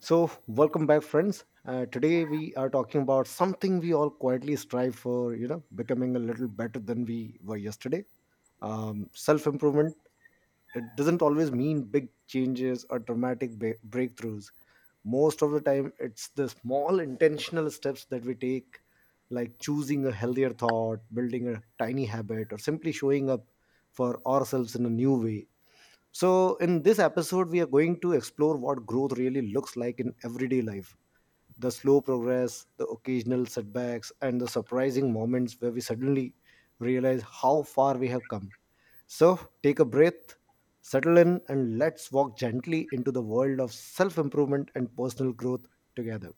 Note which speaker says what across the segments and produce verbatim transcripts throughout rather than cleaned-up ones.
Speaker 1: So, welcome back, friends. Uh, today, we are talking about something we all quietly strive for, you know, becoming a little better than we were yesterday. Um, Self improvement, it doesn't always mean big changes or dramatic ba- breakthroughs. Most of the time, it's the small intentional steps that we take, like choosing a healthier thought, building a tiny habit, or simply showing up for ourselves in a new way. So, in this episode, we are going to explore what growth really looks like in everyday life, the slow progress, the occasional setbacks, and the surprising moments where we suddenly realize how far we have come. So, take a breath, settle in, and let's walk gently into the world of self improvement and personal growth together.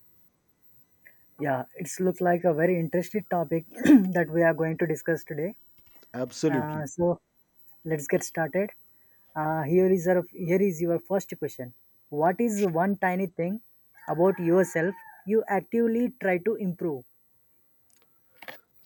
Speaker 2: Yeah, it's look like a very interesting topic that we are going to discuss today.
Speaker 1: Absolutely.
Speaker 2: Uh, so let's get started. Uh, here is our, here is your first question. What is one tiny thing about yourself you actively try to improve?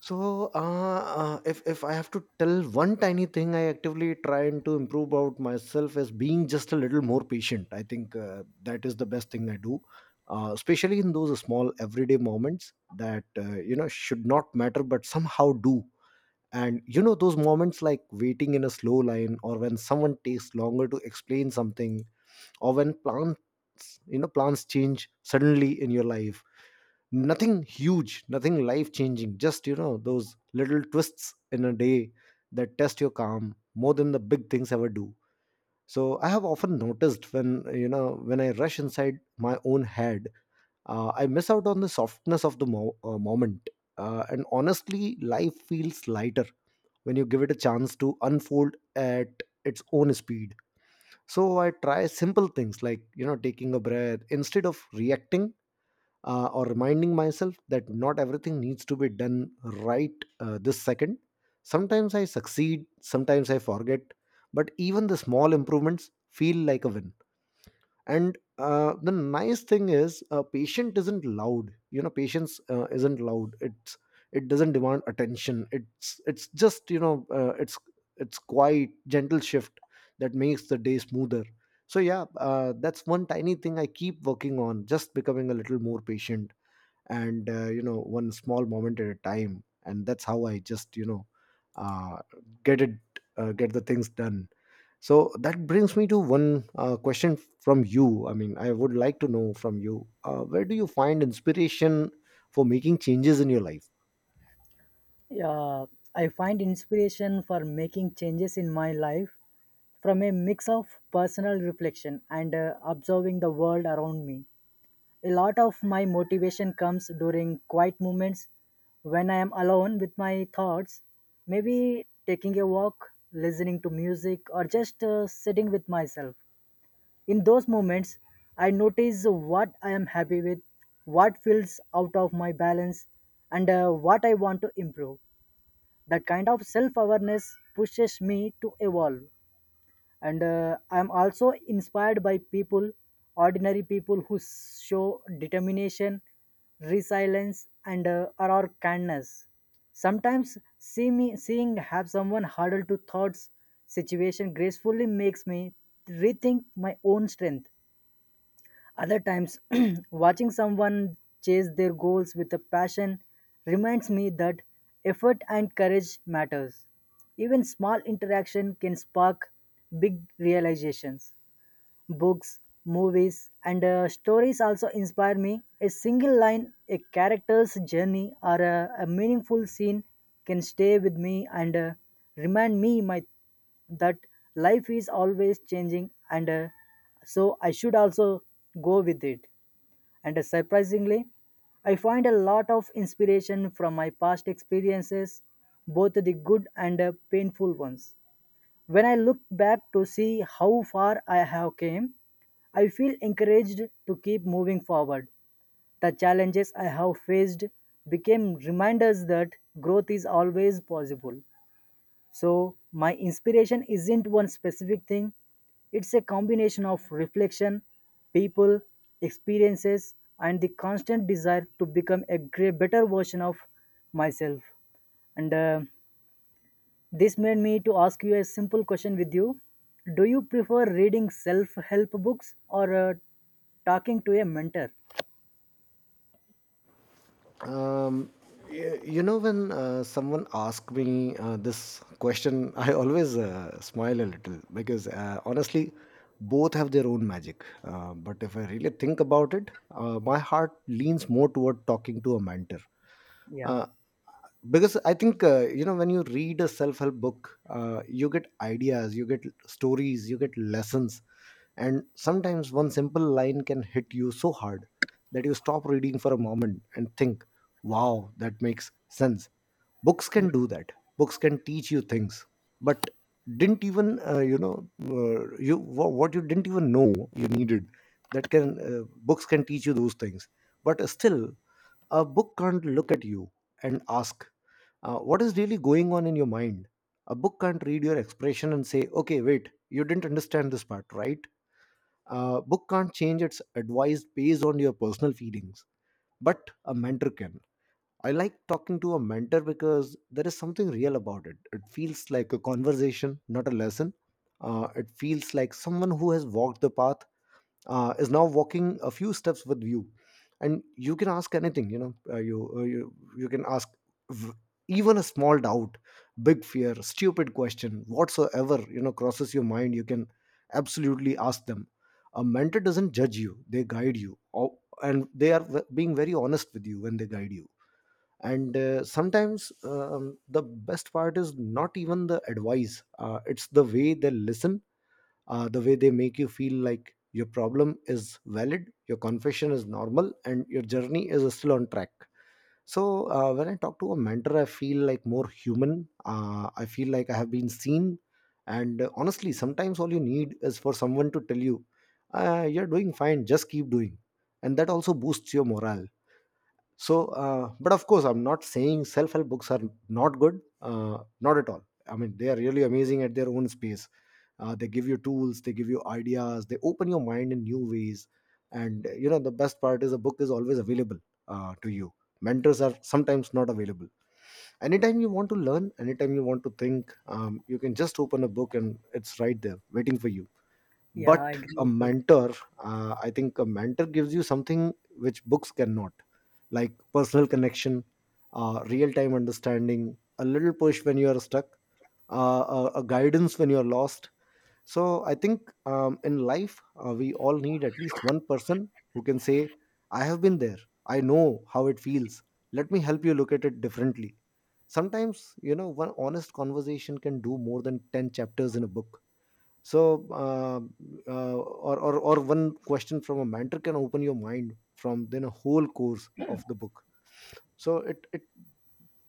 Speaker 1: So, uh, uh, if if I have to tell one tiny thing, I actively trying to improve about myself is being just a little more patient. I think uh, that is the best thing I do, uh, especially in those small everyday moments that uh, you know should not matter but somehow do. And you know those moments like waiting in a slow line, or when someone takes longer to explain something, or when plans, you know, plans change suddenly in your life. Nothing huge, nothing life changing, just you know those little twists in a day that test your calm more than the big things ever do. So I have often noticed when you know when I rush inside my own head, uh, I miss out on the softness of the mo- uh, moment. Uh, and honestly life feels lighter when you give it a chance to unfold at its own speed. So I try simple things like you know taking a breath instead of reacting, uh, or reminding myself that not everything needs to be done right uh, this second. Sometimes I succeed, sometimes I forget, but even the small improvements feel like a win. And uh, the nice thing is, uh, patient isn't loud. You know, patience uh, isn't loud. It's it doesn't demand attention. It's it's just you know uh, it's it's quiet, gentle shift that makes the day smoother. So yeah, uh, that's one tiny thing I keep working on, just becoming a little more patient and uh, you know one small moment at a time, and that's how I just you know uh, get it, uh, get the things done. So that brings me to one uh, question from you. I mean, I would like to know from you, uh, where do you find inspiration for making changes in your life?
Speaker 2: Yeah, I find inspiration for making changes in my life from a mix of personal reflection and uh, observing the world around me. A lot of my motivation comes during quiet moments when I am alone with my thoughts, maybe taking a walk, listening to music, or just uh, sitting with myself. In those moments, I notice what I am happy with, what feels out of my balance, and uh, what I want to improve. That kind of self awareness pushes me to evolve, and uh, I'm also inspired by people, ordinary people who s- show determination, resilience, and uh, or kindness. Sometimes see me seeing have someone huddle to thoughts situation gracefully makes me rethink my own strength. Other times, watching someone chase their goals with a passion reminds me that effort and courage matters. Even small interaction can spark big realizations. Books, movies, and uh, stories also inspire me. A single line, a character's journey, or a, a meaningful scene can stay with me and uh, remind me my that life is always changing, and uh, so I should also go with it. And uh, Surprisingly, I find a lot of inspiration from my past experiences, both the good and uh, painful ones. When I look back to see how far I have came, I feel encouraged to keep moving forward. The challenges I have faced became reminders that growth is always possible. So, my inspiration isn't one specific thing, it's a combination of reflection, people, experiences, and the constant desire to become a great, better version of myself. And uh, this made me to ask you a simple question with you. Do you prefer reading self-help books or uh, talking to a mentor?
Speaker 1: Um, y- you know, when uh, someone asks me uh, this question, I always uh, smile a little because uh, honestly, both have their own magic. Uh, but if I really think about it, uh, my heart leans more toward talking to a mentor.
Speaker 2: Yeah,
Speaker 1: Uh, because I think, uh, you know, when you read a self help book, uh, you get ideas, you get stories, you get lessons, and sometimes one simple line can hit you so hard that you stop reading for a moment and think, wow, that makes sense. Books can do that. Books can teach you things. But didn't even, uh, you know, uh, you wha- what you didn't even know you needed. That can, uh, books can teach you those things. But still, a book can't look at you and ask, uh, what is really going on in your mind? A book can't read your expression and say, okay, wait, you didn't understand this part, right? A book can't change its advice based on your personal feelings, but a mentor can. I like talking to a mentor because there is something real about it. It feels like a conversation, not a lesson. Uh, it feels like someone who has walked the path uh, is now walking a few steps with you, and you can ask anything you know, uh, you, uh, you you can ask, v- even a small doubt, big fear, stupid question, whatsoever you know crosses your mind, you can absolutely ask them. A mentor doesn't judge you, they guide you. Or- and they are ve- being very honest with you when they guide you. And uh, sometimes um, the best part is not even the advice, uh, it's the way they listen, uh, the way they make you feel like your problem is valid, your confession is normal, and your journey is still on track. So uh, when I talk to a mentor, I feel like more human. Uh, I feel like I have been seen, and uh, honestly, sometimes all you need is for someone to tell you, uh, "You're doing fine. Just keep doing," and that also boosts your morale. So, uh, but of course, I'm not saying self-help books are not good. Uh, not at all. I mean, they are really amazing at their own space. Uh, they give you tools, they give you ideas, they open your mind in new ways. And uh, you know the best part is a book is always available uh, to you. Mentors are sometimes not available anytime you want to learn, anytime you want to think. Um, you can just open a book and it's right there waiting for you.
Speaker 2: yeah, I
Speaker 1: But
Speaker 2: agree
Speaker 1: a
Speaker 2: with you.
Speaker 1: mentor, uh, I think a mentor gives you something which books cannot, like personal connection, uh, real-time understanding, a little push when you are stuck, uh, a, a guidance when you are lost. So I think um, in life, uh, we all need at least one person who can say, I have been there. I know how it feels. Let me help you look at it differently. Sometimes, you know, one honest conversation can do more than ten chapters in a book. So, uh, uh, or, or, or one question from a mentor can open your mind from then a whole course of the book. So it, it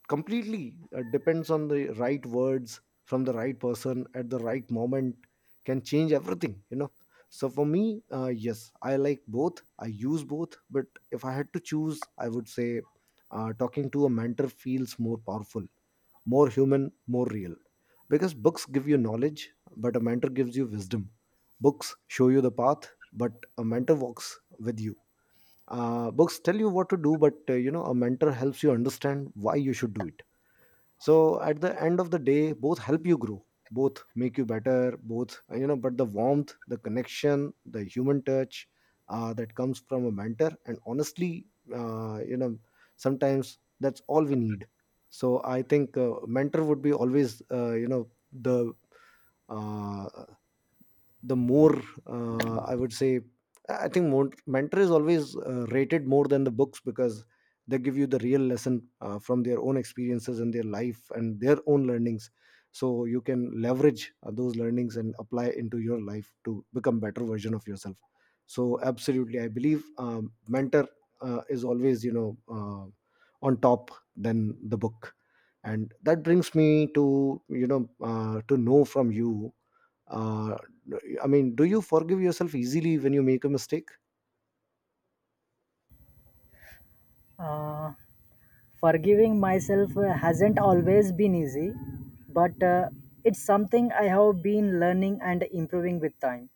Speaker 1: completely uh, depends on the right words from the right person at the right moment, can change everything you know. So for me, uh, yes, I like both, I use both, but if I had to choose, I would say uh, talking to a mentor feels more powerful, more human, more real. Because books give you knowledge, but a mentor gives you wisdom. Books show you the path, but a mentor walks with you. Uh, books tell you what to do, but uh, you know a mentor helps you understand why you should do it. So at the end of the day, both help you grow, both make you better, both uh, you know, but the warmth, the connection, the human touch, uh, that comes from a mentor. And honestly, uh, you know, sometimes that's all we need. So I think uh, mentor would be always uh, you know the uh, the more, uh, I would say, I think more, mentor is always uh, rated more than the books because they give you the real lesson uh, from their own experiences and their life and their own learnings. So you can leverage uh, those learnings and apply into your life to become better version of yourself. So absolutely I believe um, mentor uh, is always you know uh, on top than the book. And that brings me to you know uh, to know from you, uh, I mean, do you forgive yourself easily when you make a mistake?
Speaker 2: Uh, Forgiving myself uh, hasn't always been easy, but uh, it's something I have been learning and improving with time.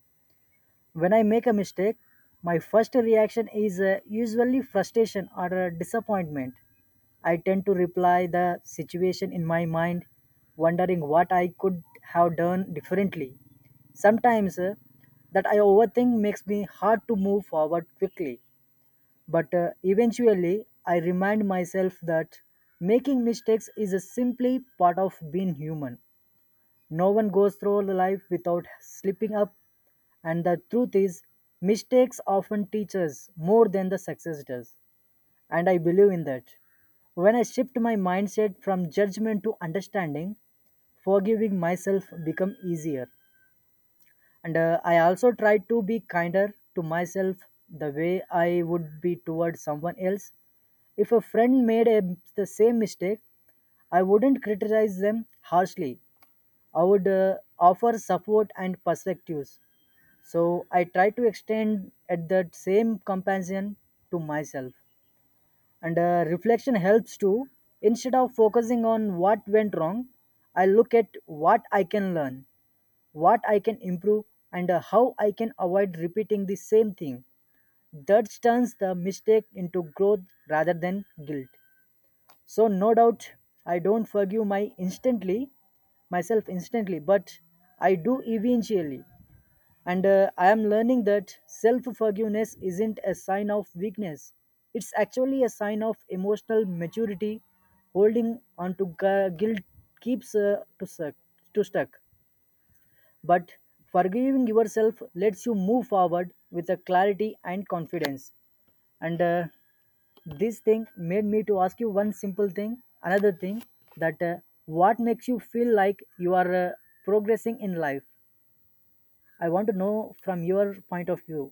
Speaker 2: When I make a mistake, my first reaction is uh, usually frustration or uh, disappointment. I tend to reply the situation in my mind, wondering what I could have done differently. Sometimes uh, that I overthink makes me hard to move forward quickly. But uh, eventually, I remind myself that making mistakes is a simply part of being human. No one goes through life without slipping up, and the truth is, mistakes often teach us more than the success does. And I believe in that. When I shift my mindset from judgment to understanding, forgiving myself become easier. And uh, I also try to be kinder to myself the way I would be towards someone else. If a friend made a, the same mistake, I wouldn't criticize them harshly. I would uh, offer support and perspectives. So I try to extend at that same compassion to myself. And uh, reflection helps too. Instead of focusing on what went wrong, I look at what I can learn, what I can improve, and uh, how I can avoid repeating the same thing. That turns the mistake into growth rather than guilt. So no doubt I don't forgive my instantly myself instantly, but I do eventually. And uh, I am learning that self forgiveness isn't a sign of weakness, it's actually a sign of emotional maturity. Holding on to gu- guilt keeps uh, to suck to stuck. But forgiving yourself lets you move forward with a clarity and confidence. And uh, this thing made me to ask you one simple thing another thing, that uh, what makes you feel like you are uh, progressing in life? I want to know from your point of view.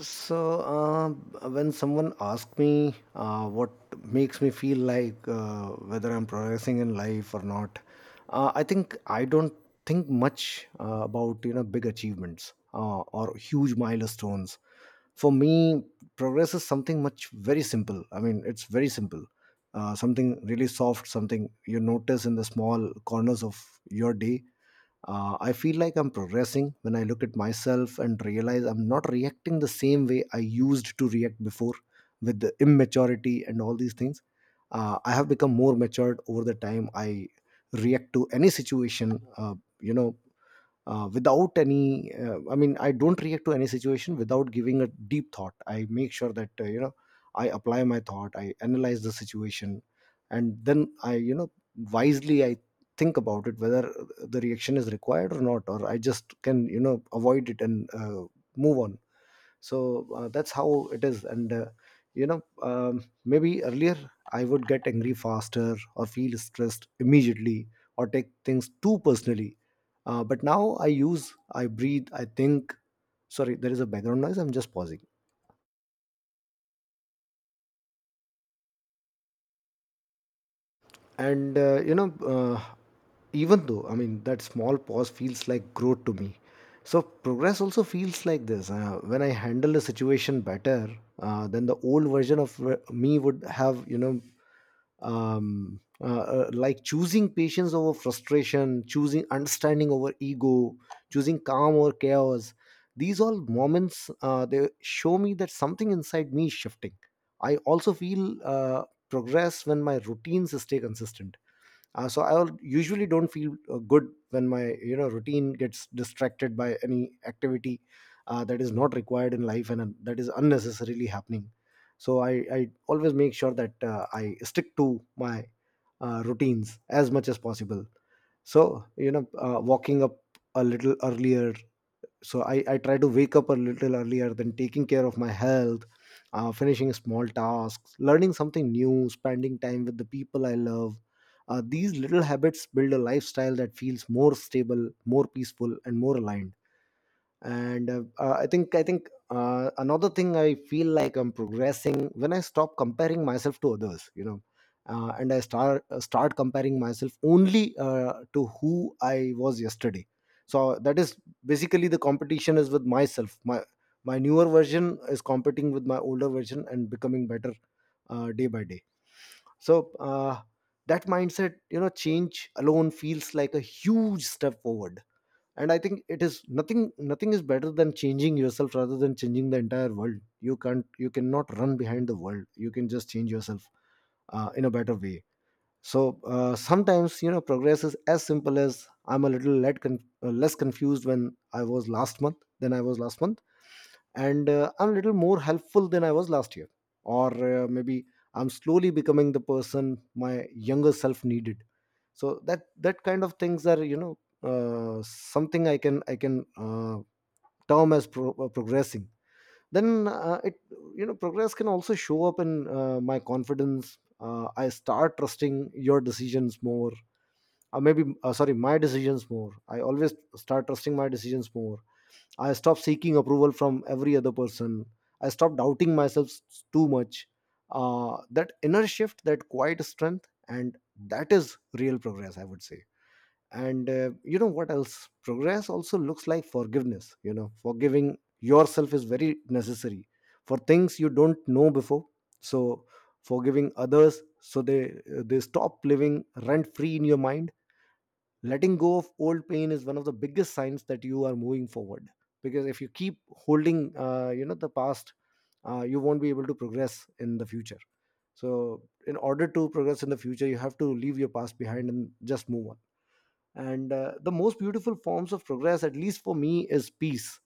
Speaker 1: So, uh, when someone asks me uh, what makes me feel like uh, whether I'm progressing in life or not, uh, I think I don't think much uh, about you know big achievements uh, or huge milestones. For me, progress is something much very simple. I mean, it's very simple. Uh, something really soft, something you notice in the small corners of your day. Uh, I feel like I'm progressing when I look at myself and realize I'm not reacting the same way I used to react before, with the immaturity and all these things. Uh, I have become more matured over the time. I react to any situation, uh, you know, uh, without any uh, i mean i don't react to any situation without giving a deep thought. I make sure that uh, you know i apply my thought, I analyze the situation, and then i you know wisely I think about it, whether the reaction is required or not, or I just can, you know avoid it and uh, move on. So uh, that's how it is. And uh, you know um, maybe earlier I would get angry faster, or feel stressed immediately, or take things too personally. Uh, but now I use I breathe, I think. Sorry, there is a background noise, I'm just pausing. And uh, you know uh, even though i mean that small pause feels like growth to me. So progress also feels like this, uh, when I handle a situation better uh, then the old version of w- me would have, you know um, uh, uh, like choosing patience over frustration, choosing understanding over ego, choosing calm over chaos. These all moments, uh, they show me that something inside me is shifting. I also feel uh, progress when my routines stay consistent. Uh, so i usually don't feel uh, good when my, you know, routine gets distracted by any activity uh, that is not required in life and uh, that is unnecessarily happening. So i i always make sure that uh, I stick to my uh, routines as much as possible. So you know uh, walking up a little earlier, so I, I try to wake up a little earlier, then taking care of my health, uh, finishing small tasks, learning something new, spending time with the people I love. Uh, these little habits build a lifestyle that feels more stable, more peaceful, and more aligned. And uh, uh, I think I think uh, Another thing, I feel like I'm progressing when I stop comparing myself to others, you know, uh, and I start uh, start comparing myself only uh, to who I was yesterday. So that is basically, the competition is with myself. My my newer version is competing with my older version and becoming better uh, day by day. So uh, that mindset, you know, change alone feels like a huge step forward. And I think it is nothing. Nothing is better than changing yourself rather than changing the entire world. You can't you cannot run behind the world, you can just change yourself uh, in a better way. So uh, sometimes, you know, progress is as simple as I'm a little let con- uh, less confused when I was last month than I was last month, and uh, I'm a little more helpful than I was last year. Or uh, maybe I'm slowly becoming the person my younger self needed. So that that kind of things are, you know, uh, something I can, i can uh, term as pro- uh, progressing. Then uh, it you know, progress can also show up in uh, my confidence. Uh, i start trusting your decisions more, or maybe, uh, sorry, my decisions more. I always start trusting my decisions more. I stop seeking approval from every other person. I stop doubting myself s- too much. Uh, that inner shift, that quiet strength, and that is real progress, I would say. And uh, you know what else progress also looks like? Forgiveness. You know, forgiving yourself is very necessary for things you don't know before. So, forgiving others so they they stop living rent free in your mind. Letting go of old pain is one of the biggest signs that you are moving forward. Because if you keep holding, uh, you know the past, uh, you won't be able to progress in the future. So in order to progress in the future, you have to leave your past behind and just move on. And uh, the most beautiful forms of progress, at least for me, is peace.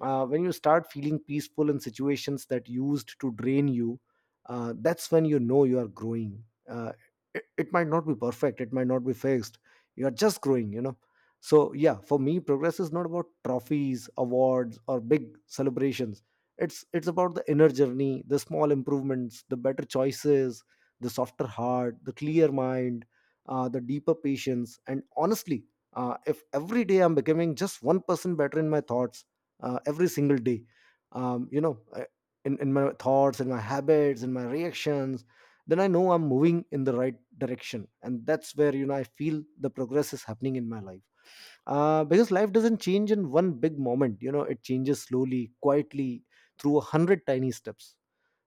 Speaker 1: uh, When you start feeling peaceful in situations that used to drain you, uh, that's when you know you are growing. Uh, it, it might not be perfect, it might not be fixed. You are just growing, you know. So yeah, for me, progress is not about trophies, awards, or big celebrations. It's it's about the inner journey, the small improvements, the better choices, the softer heart, the clear mind, uh, the deeper patience. And honestly, uh, if every day I'm becoming just one percent better in my thoughts, uh, every single day, um, you know, I- in, in my thoughts, in my habits, in my reactions, then I know I'm moving in the right direction. And that's where, you know, I feel the progress is happening in my life. Uh, because life doesn't change in one big moment, you know, it changes slowly, quietly, through a hundred tiny steps.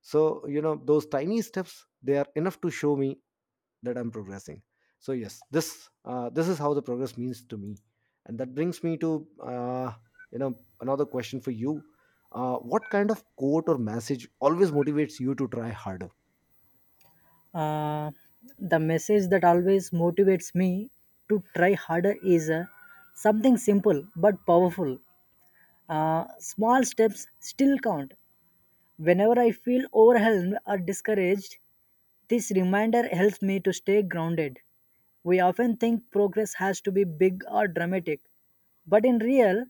Speaker 1: So, you know, those tiny steps, they are enough to show me that I'm progressing. So yes, this, uh, this is how the progress means to me. And that brings me to, uh, you know another question for you. Uh, what kind of quote or message always motivates you to try harder?
Speaker 2: Uh, the message that always motivates me to try harder is uh, something simple but powerful, uh, small steps still count. Whenever I feel overwhelmed or discouraged, this reminder helps me to stay grounded. We often think progress has to be big or dramatic, but in real,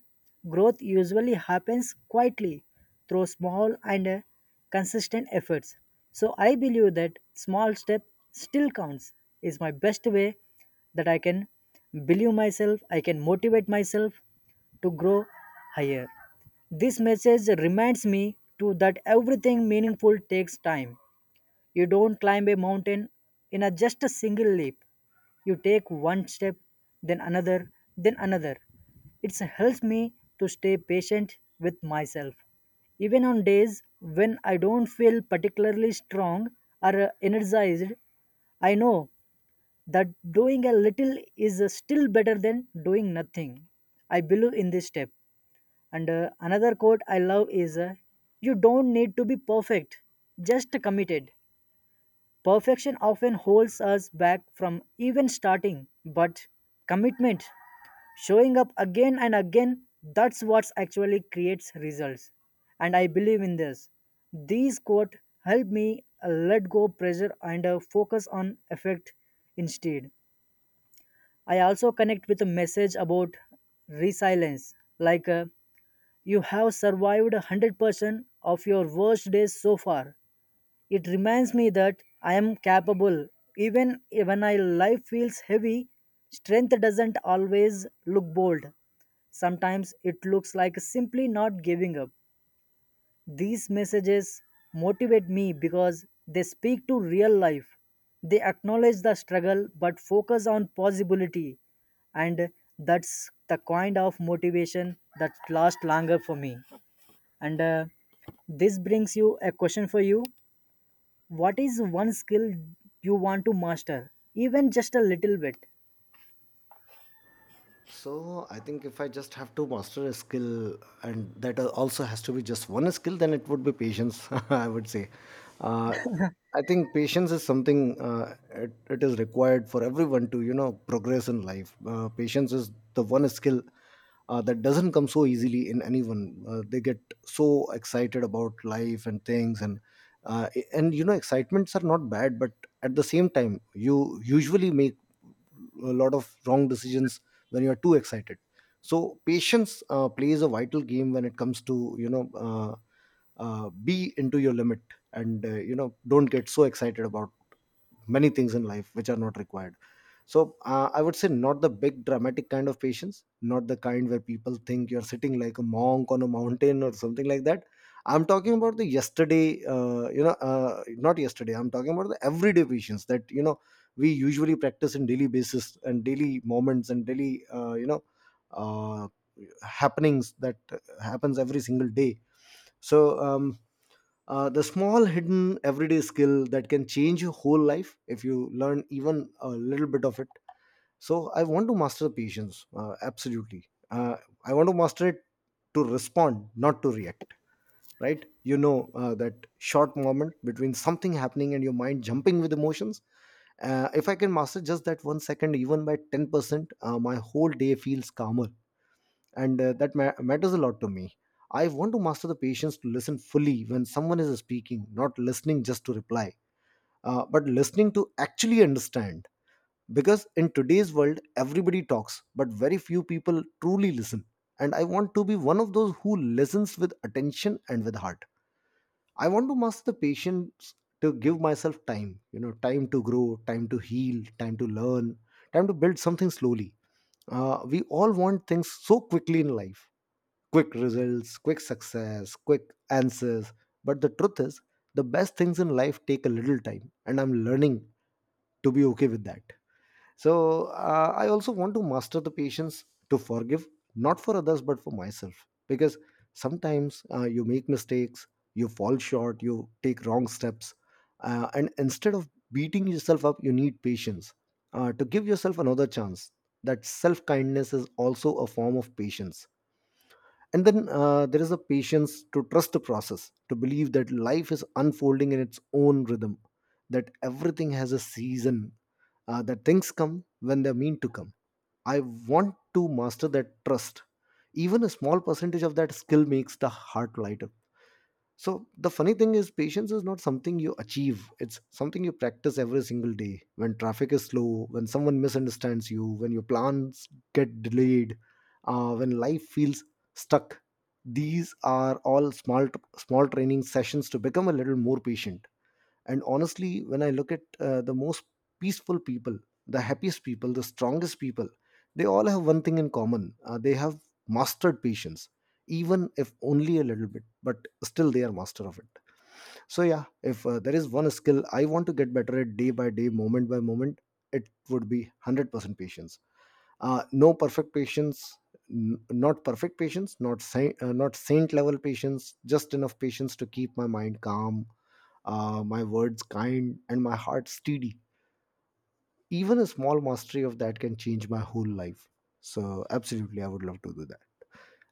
Speaker 2: growth usually happens quietly through small and uh, consistent efforts. So I believe that small step still counts is my best way that I can believe myself, I can motivate myself to grow higher. This message reminds me to that everything meaningful takes time. You don't climb a mountain in a just a single leap. You take one step, then another, then another. It helps me to stay patient with myself. Even on days when I don't feel particularly strong or uh, energized, I know that doing a little is uh, still better than doing nothing. I believe in this step. And uh, another quote I love is, uh, you don't need to be perfect, just committed. Perfection often holds us back from even starting, but commitment, showing up again and again, that's what actually creates results. And I believe in this. These quote help me uh, let go pressure and uh, focus on effect instead. I also connect with a message about resilience, like uh, you have survived one hundred percent of your worst days so far. It reminds me that I am capable. Even when my life feels heavy, strength doesn't always look bold. Sometimes it looks like simply not giving up. These messages motivate me because they speak to real life. They acknowledge the struggle but focus on possibility. And that's the kind of motivation that lasts longer for me. And uh, this brings you a question for you. What is one skill you want to master, even just a little bit?
Speaker 1: So I think if I just have to master a skill, and that al- also has to be just one skill, then it would be patience. I would say. Uh, I think patience is something, uh, it, it is required for everyone to, you know, progress in life. Uh, patience is the one skill uh, that doesn't come so easily in anyone. Uh, they get so excited about life and things, and uh, and you know, excitements are not bad, but at the same time, you usually make a lot of wrong decisions when you are too excited. So patience uh, plays a vital game when it comes to, you know uh, uh, be into your limit, and uh, you know, don't get so excited about many things in life which are not required. So uh, I would say, not the big dramatic kind of patience, not the kind where people think you're sitting like a monk on a mountain or something like that. I'm talking about the yesterday, uh, you know, uh, not yesterday. I'm talking about the everyday patience that, you know, we usually practice in daily basis, and daily moments, and daily, uh, you know, uh, happenings that happens every single day. So um, uh, the small hidden everyday skill that can change your whole life if you learn even a little bit of it. So I want to master patience, uh, absolutely. uh, I want to master it, to respond, not to react. Right? You know, uh, that short moment between something happening and your mind jumping with emotions. Uh, if I can master just that one second, even by ten percent, uh, my whole day feels calmer, and uh, that ma- matters a lot to me. I want to master the patience to listen fully when someone is speaking, not listening just to reply, uh, but listening to actually understand. Because in today's world, everybody talks, but very few people truly listen. And I want to be one of those who listens with attention and with heart. I want to master the patience to give myself time, you know, time to grow, time to heal, time to learn, time to build something slowly. Uh, we all want things so quickly in life: quick results, quick success, quick answers. But the truth is, the best things in life take a little time, and I'm learning to be okay with that. So uh, I also want to master the patience to forgive, not for others, but for myself. Because sometimes, uh, you make mistakes, you fall short, you take wrong steps. Uh, and instead of beating yourself up, you need patience uh, to give yourself another chance. That self kindness is also a form of patience. And then, uh, there is a patience to trust the process, to believe that life is unfolding in its own rhythm, that everything has a season, uh, that things come when they're meant to come. I want to master that trust. Even a small percentage of that skill makes the heart lighter. So the funny thing is, patience is not something you achieve. It's something you practice every single day. When traffic is slow, when someone misunderstands you, when your plans get delayed, uh, when life feels stuck. These are all small small training sessions to become a little more patient. And honestly, when I look at uh, the most peaceful people, the happiest people, the strongest people, they all have one thing in common. Uh, they have mastered patience, even if only a little bit, but still they are master of it. So yeah, if uh, there is one skill I want to get better at, day by day, moment by moment, it would be one hundred percent patience. Uh, no perfect patience, n- not perfect patience, not saint, uh, not saint level patience, just enough patience to keep my mind calm, uh, my words kind, and my heart steady. Even a small mastery of that can change my whole life. So absolutely, I would love to do that.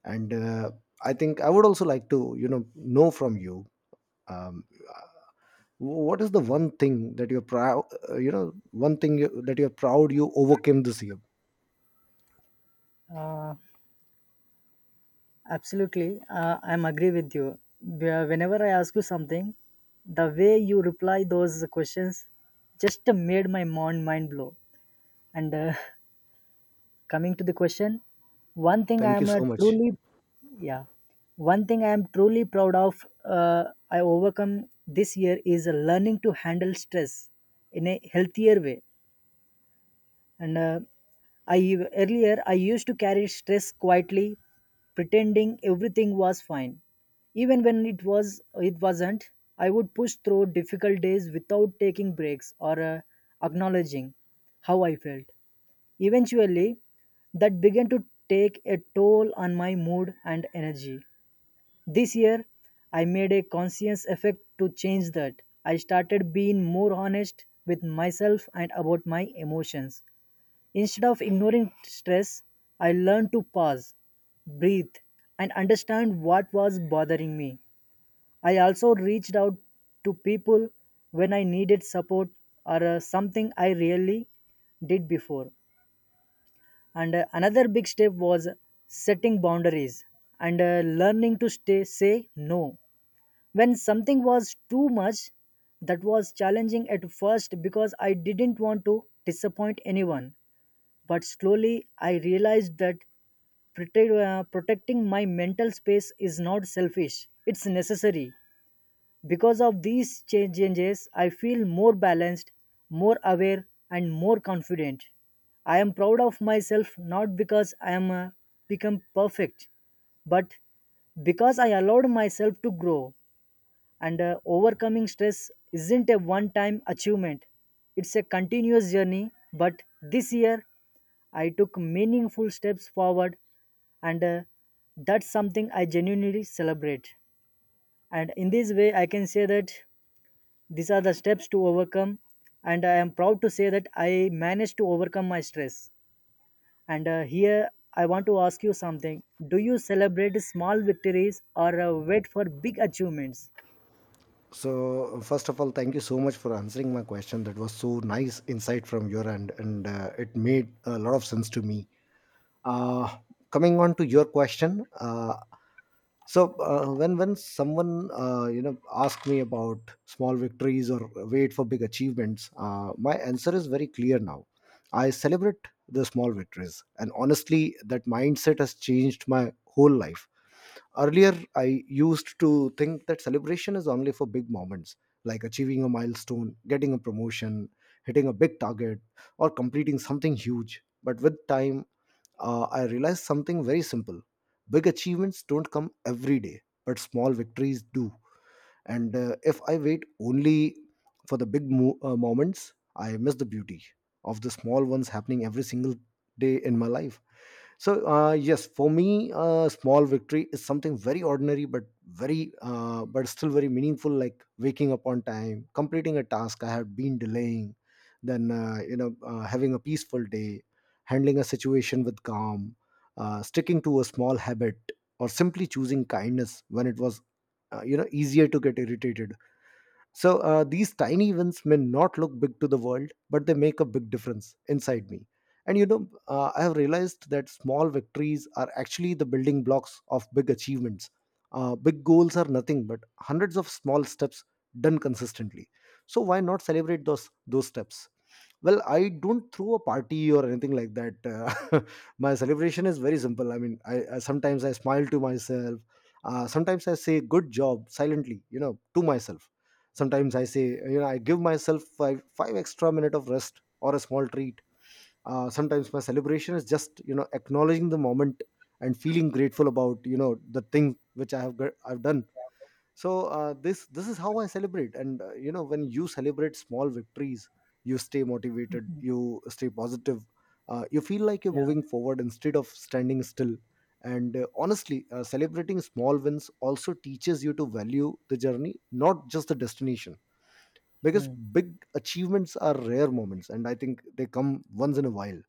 Speaker 1: And uh, I think I would also like to, you know, know from you. Um, what is the one thing that you're proud, uh, you know, one thing you, that you're proud you overcame this year?
Speaker 2: Uh, Absolutely, uh, I'm agree with you. Wh- Whenever I ask you something, the way you reply those questions just made my mon- mind blow. And uh, coming to the question, one thing I
Speaker 1: Thank you
Speaker 2: am uh,
Speaker 1: so much.
Speaker 2: truly, yeah, one thing I am truly proud of uh, I overcome this year is learning to handle stress in a healthier way. And uh, I Earlier, I used to carry stress quietly, pretending everything was fine, even when it was it wasn't. I would push through difficult days without taking breaks or uh, acknowledging how I felt. Eventually, that began to take a toll on my mood and energy. This year, I made a conscious effort to change that. I started being more honest with myself and about my emotions. Instead of ignoring stress, I learned to pause, breathe, and understand what was bothering me. I also reached out to people when I needed support, or uh, something I really did before. And uh, another big step was setting boundaries and uh, learning to stay say no. When something was too much, that was challenging at first because I didn't want to disappoint anyone. But slowly I realized that protect, uh, protecting my mental space is not selfish, it's necessary. Because of these cha- changes, I feel more balanced, more aware, and more confident. I am proud of myself not because I am uh, become perfect, but because I allowed myself to grow. And uh, overcoming stress isn't a one time achievement. It's a continuous journey, but this year I took meaningful steps forward, and uh, that's something I genuinely celebrate. And in this way, I can say that these are the steps to overcome, and I am proud to say that I managed to overcome my stress. And uh, here, I want to ask you something. Do you celebrate small victories or uh, wait for big achievements?
Speaker 1: So, first of all, thank you so much for answering my question. That was so nice insight from your end, and uh, it made a lot of sense to me. Uh, Coming on to your question, uh, so uh, when when someone, uh, you know asks me about small victories or wait for big achievements, uh, my answer is very clear now. I celebrate the small victories, and honestly, that mindset has changed my whole life. Earlier, I used to think that celebration is only for big moments like achieving a milestone, getting a promotion, hitting a big target, or completing something huge. But with time, uh, I realized something very simple. Big achievements don't come every day, but small victories do. And uh, if I wait only for the big mo- uh, moments, I miss the beauty of the small ones happening every single day in my life. So, uh, yes, for me, uh, small victory is something very ordinary, but very, uh, but still very meaningful. Like waking up on time, completing a task I had been delaying, then uh, you know, uh, having a peaceful day, handling a situation with calm, uh, sticking to a small habit, or simply choosing kindness when it was, uh, you know, easier to get irritated. So uh, these tiny wins may not look big to the world, but they make a big difference inside me. And you know, uh, I have realized that small victories are actually the building blocks of big achievements. Uh, big goals are nothing but hundreds of small steps done consistently. So why not celebrate those those steps? Well, I don't throw a party or anything like that. Uh, my celebration is very simple. I mean, I, I sometimes I smile to myself. Uh, sometimes I say "good job" silently, you know, to myself. Sometimes I say, you know, I give myself five five extra minute of rest or a small treat. Uh, sometimes my celebration is just you know acknowledging the moment and feeling grateful about you know the thing which I have got, I've done. So uh, this this is how I celebrate. And uh, you know, when you celebrate small victories, you stay motivated, you stay positive, uh, you feel like you're
Speaker 2: Yeah,
Speaker 1: moving forward instead of standing still. And uh, honestly, uh, celebrating small wins also teaches you to value the journey, not just the destination, because
Speaker 2: hmm,
Speaker 1: big achievements are rare moments, and I think they come once in a while.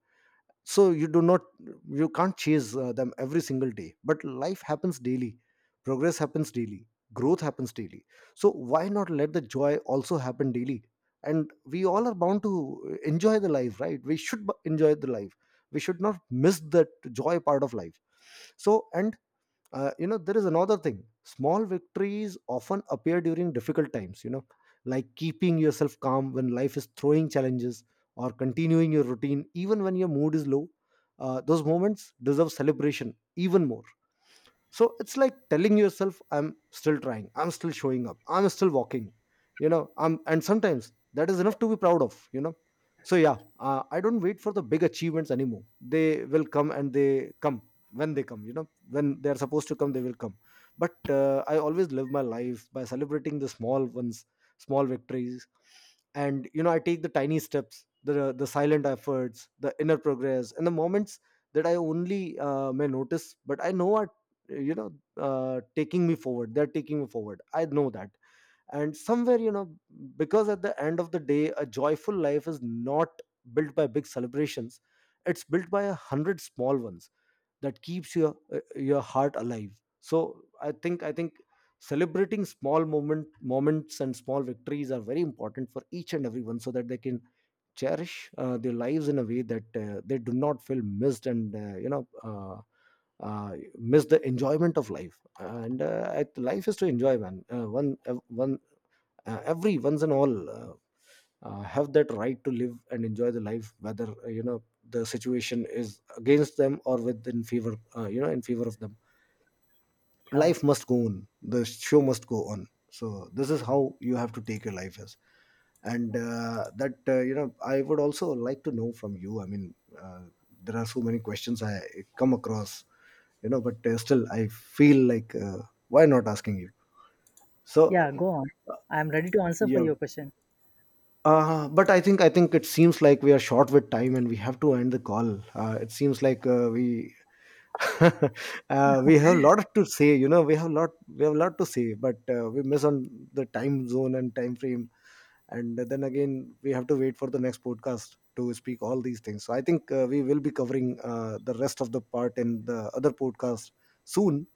Speaker 1: So you do not, you can't chase uh, them every single day, but life happens daily, progress happens daily, growth happens daily. So why not let the joy also happen daily? And we all are bound to uh, enjoy the life, right? We should b- enjoy the life. We should not miss that joy part of life. So, and uh, you know, there is another thing: small victories often appear during difficult times, you know, like keeping yourself calm when life is throwing challenges, or continuing your routine even when your mood is low. Uh, those moments deserve celebration even more. So it's like telling yourself, I'm still trying, I'm still showing up, I'm still walking, you know, I'm, and sometimes that is enough to be proud of, you know. So yeah, uh, I don't wait for the big achievements anymore. They will come, and they come when they come, you know, when they are supposed to come, they will come. But uh, I always live my life by celebrating the small ones, small victories. And you know, I take the tiny steps, the the silent efforts, the inner progress, and the moments that I only uh, may notice, but I know are, you know, uh, taking me forward. They're taking me forward, I know that. And somewhere, you know, because at the end of the day, a joyful life is not built by big celebrations. It's built by a hundred small ones that keeps your uh, your heart alive. So I think, I think celebrating small moment moments and small victories are very important for each and everyone, so that they can cherish uh, their lives in a way that uh, they do not feel missed, and uh, you know uh, uh, miss the enjoyment of life. And uh, I- life is to enjoy, man. Uh, one ev- one uh, every once and all. Uh, uh, have that right to live and enjoy the life, whether uh, you know, the situation is against them or within favor, uh, you know, in favor of them.
Speaker 2: yeah,
Speaker 1: Life must go on, the show must go on. So this is how you have to take your life as. And uh, that, uh, you know, I would also like to know from you, I mean, uh, there are so many questions I come across, you know, but uh, still I feel like, uh, why not asking you? So
Speaker 2: yeah, go on. I'm ready to answer for
Speaker 1: yeah.
Speaker 2: your question.
Speaker 1: Uh, but I think I think it seems like we are short with time and we have to end the call. Uh, it seems like uh, we uh, we have a lot to say. You know, we have lot we have a lot to say, but uh, we miss on the time zone and time frame, and then again we have to wait for the next podcast to speak all these things. So I think uh, we will be covering uh, the rest of the part in the other podcast soon.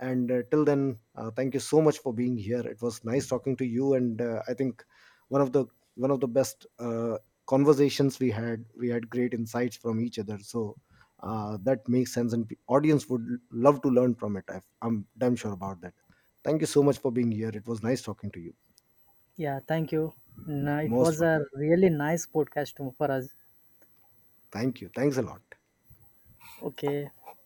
Speaker 1: And uh, till then, uh, thank you so much for being here. It was nice talking to you. And uh, I think one of the one of the best uh, conversations. We had we had great insights from each other. So uh, that makes sense, and the audience would love to learn from it. I i'm damn sure about that. Thank you so much for being here. It was nice talking to you.
Speaker 2: Yeah, thank you. No, it
Speaker 1: Most
Speaker 2: was
Speaker 1: welcome.
Speaker 2: a really nice podcast to- for us.
Speaker 1: Thank you. Thanks a lot.
Speaker 2: Okay.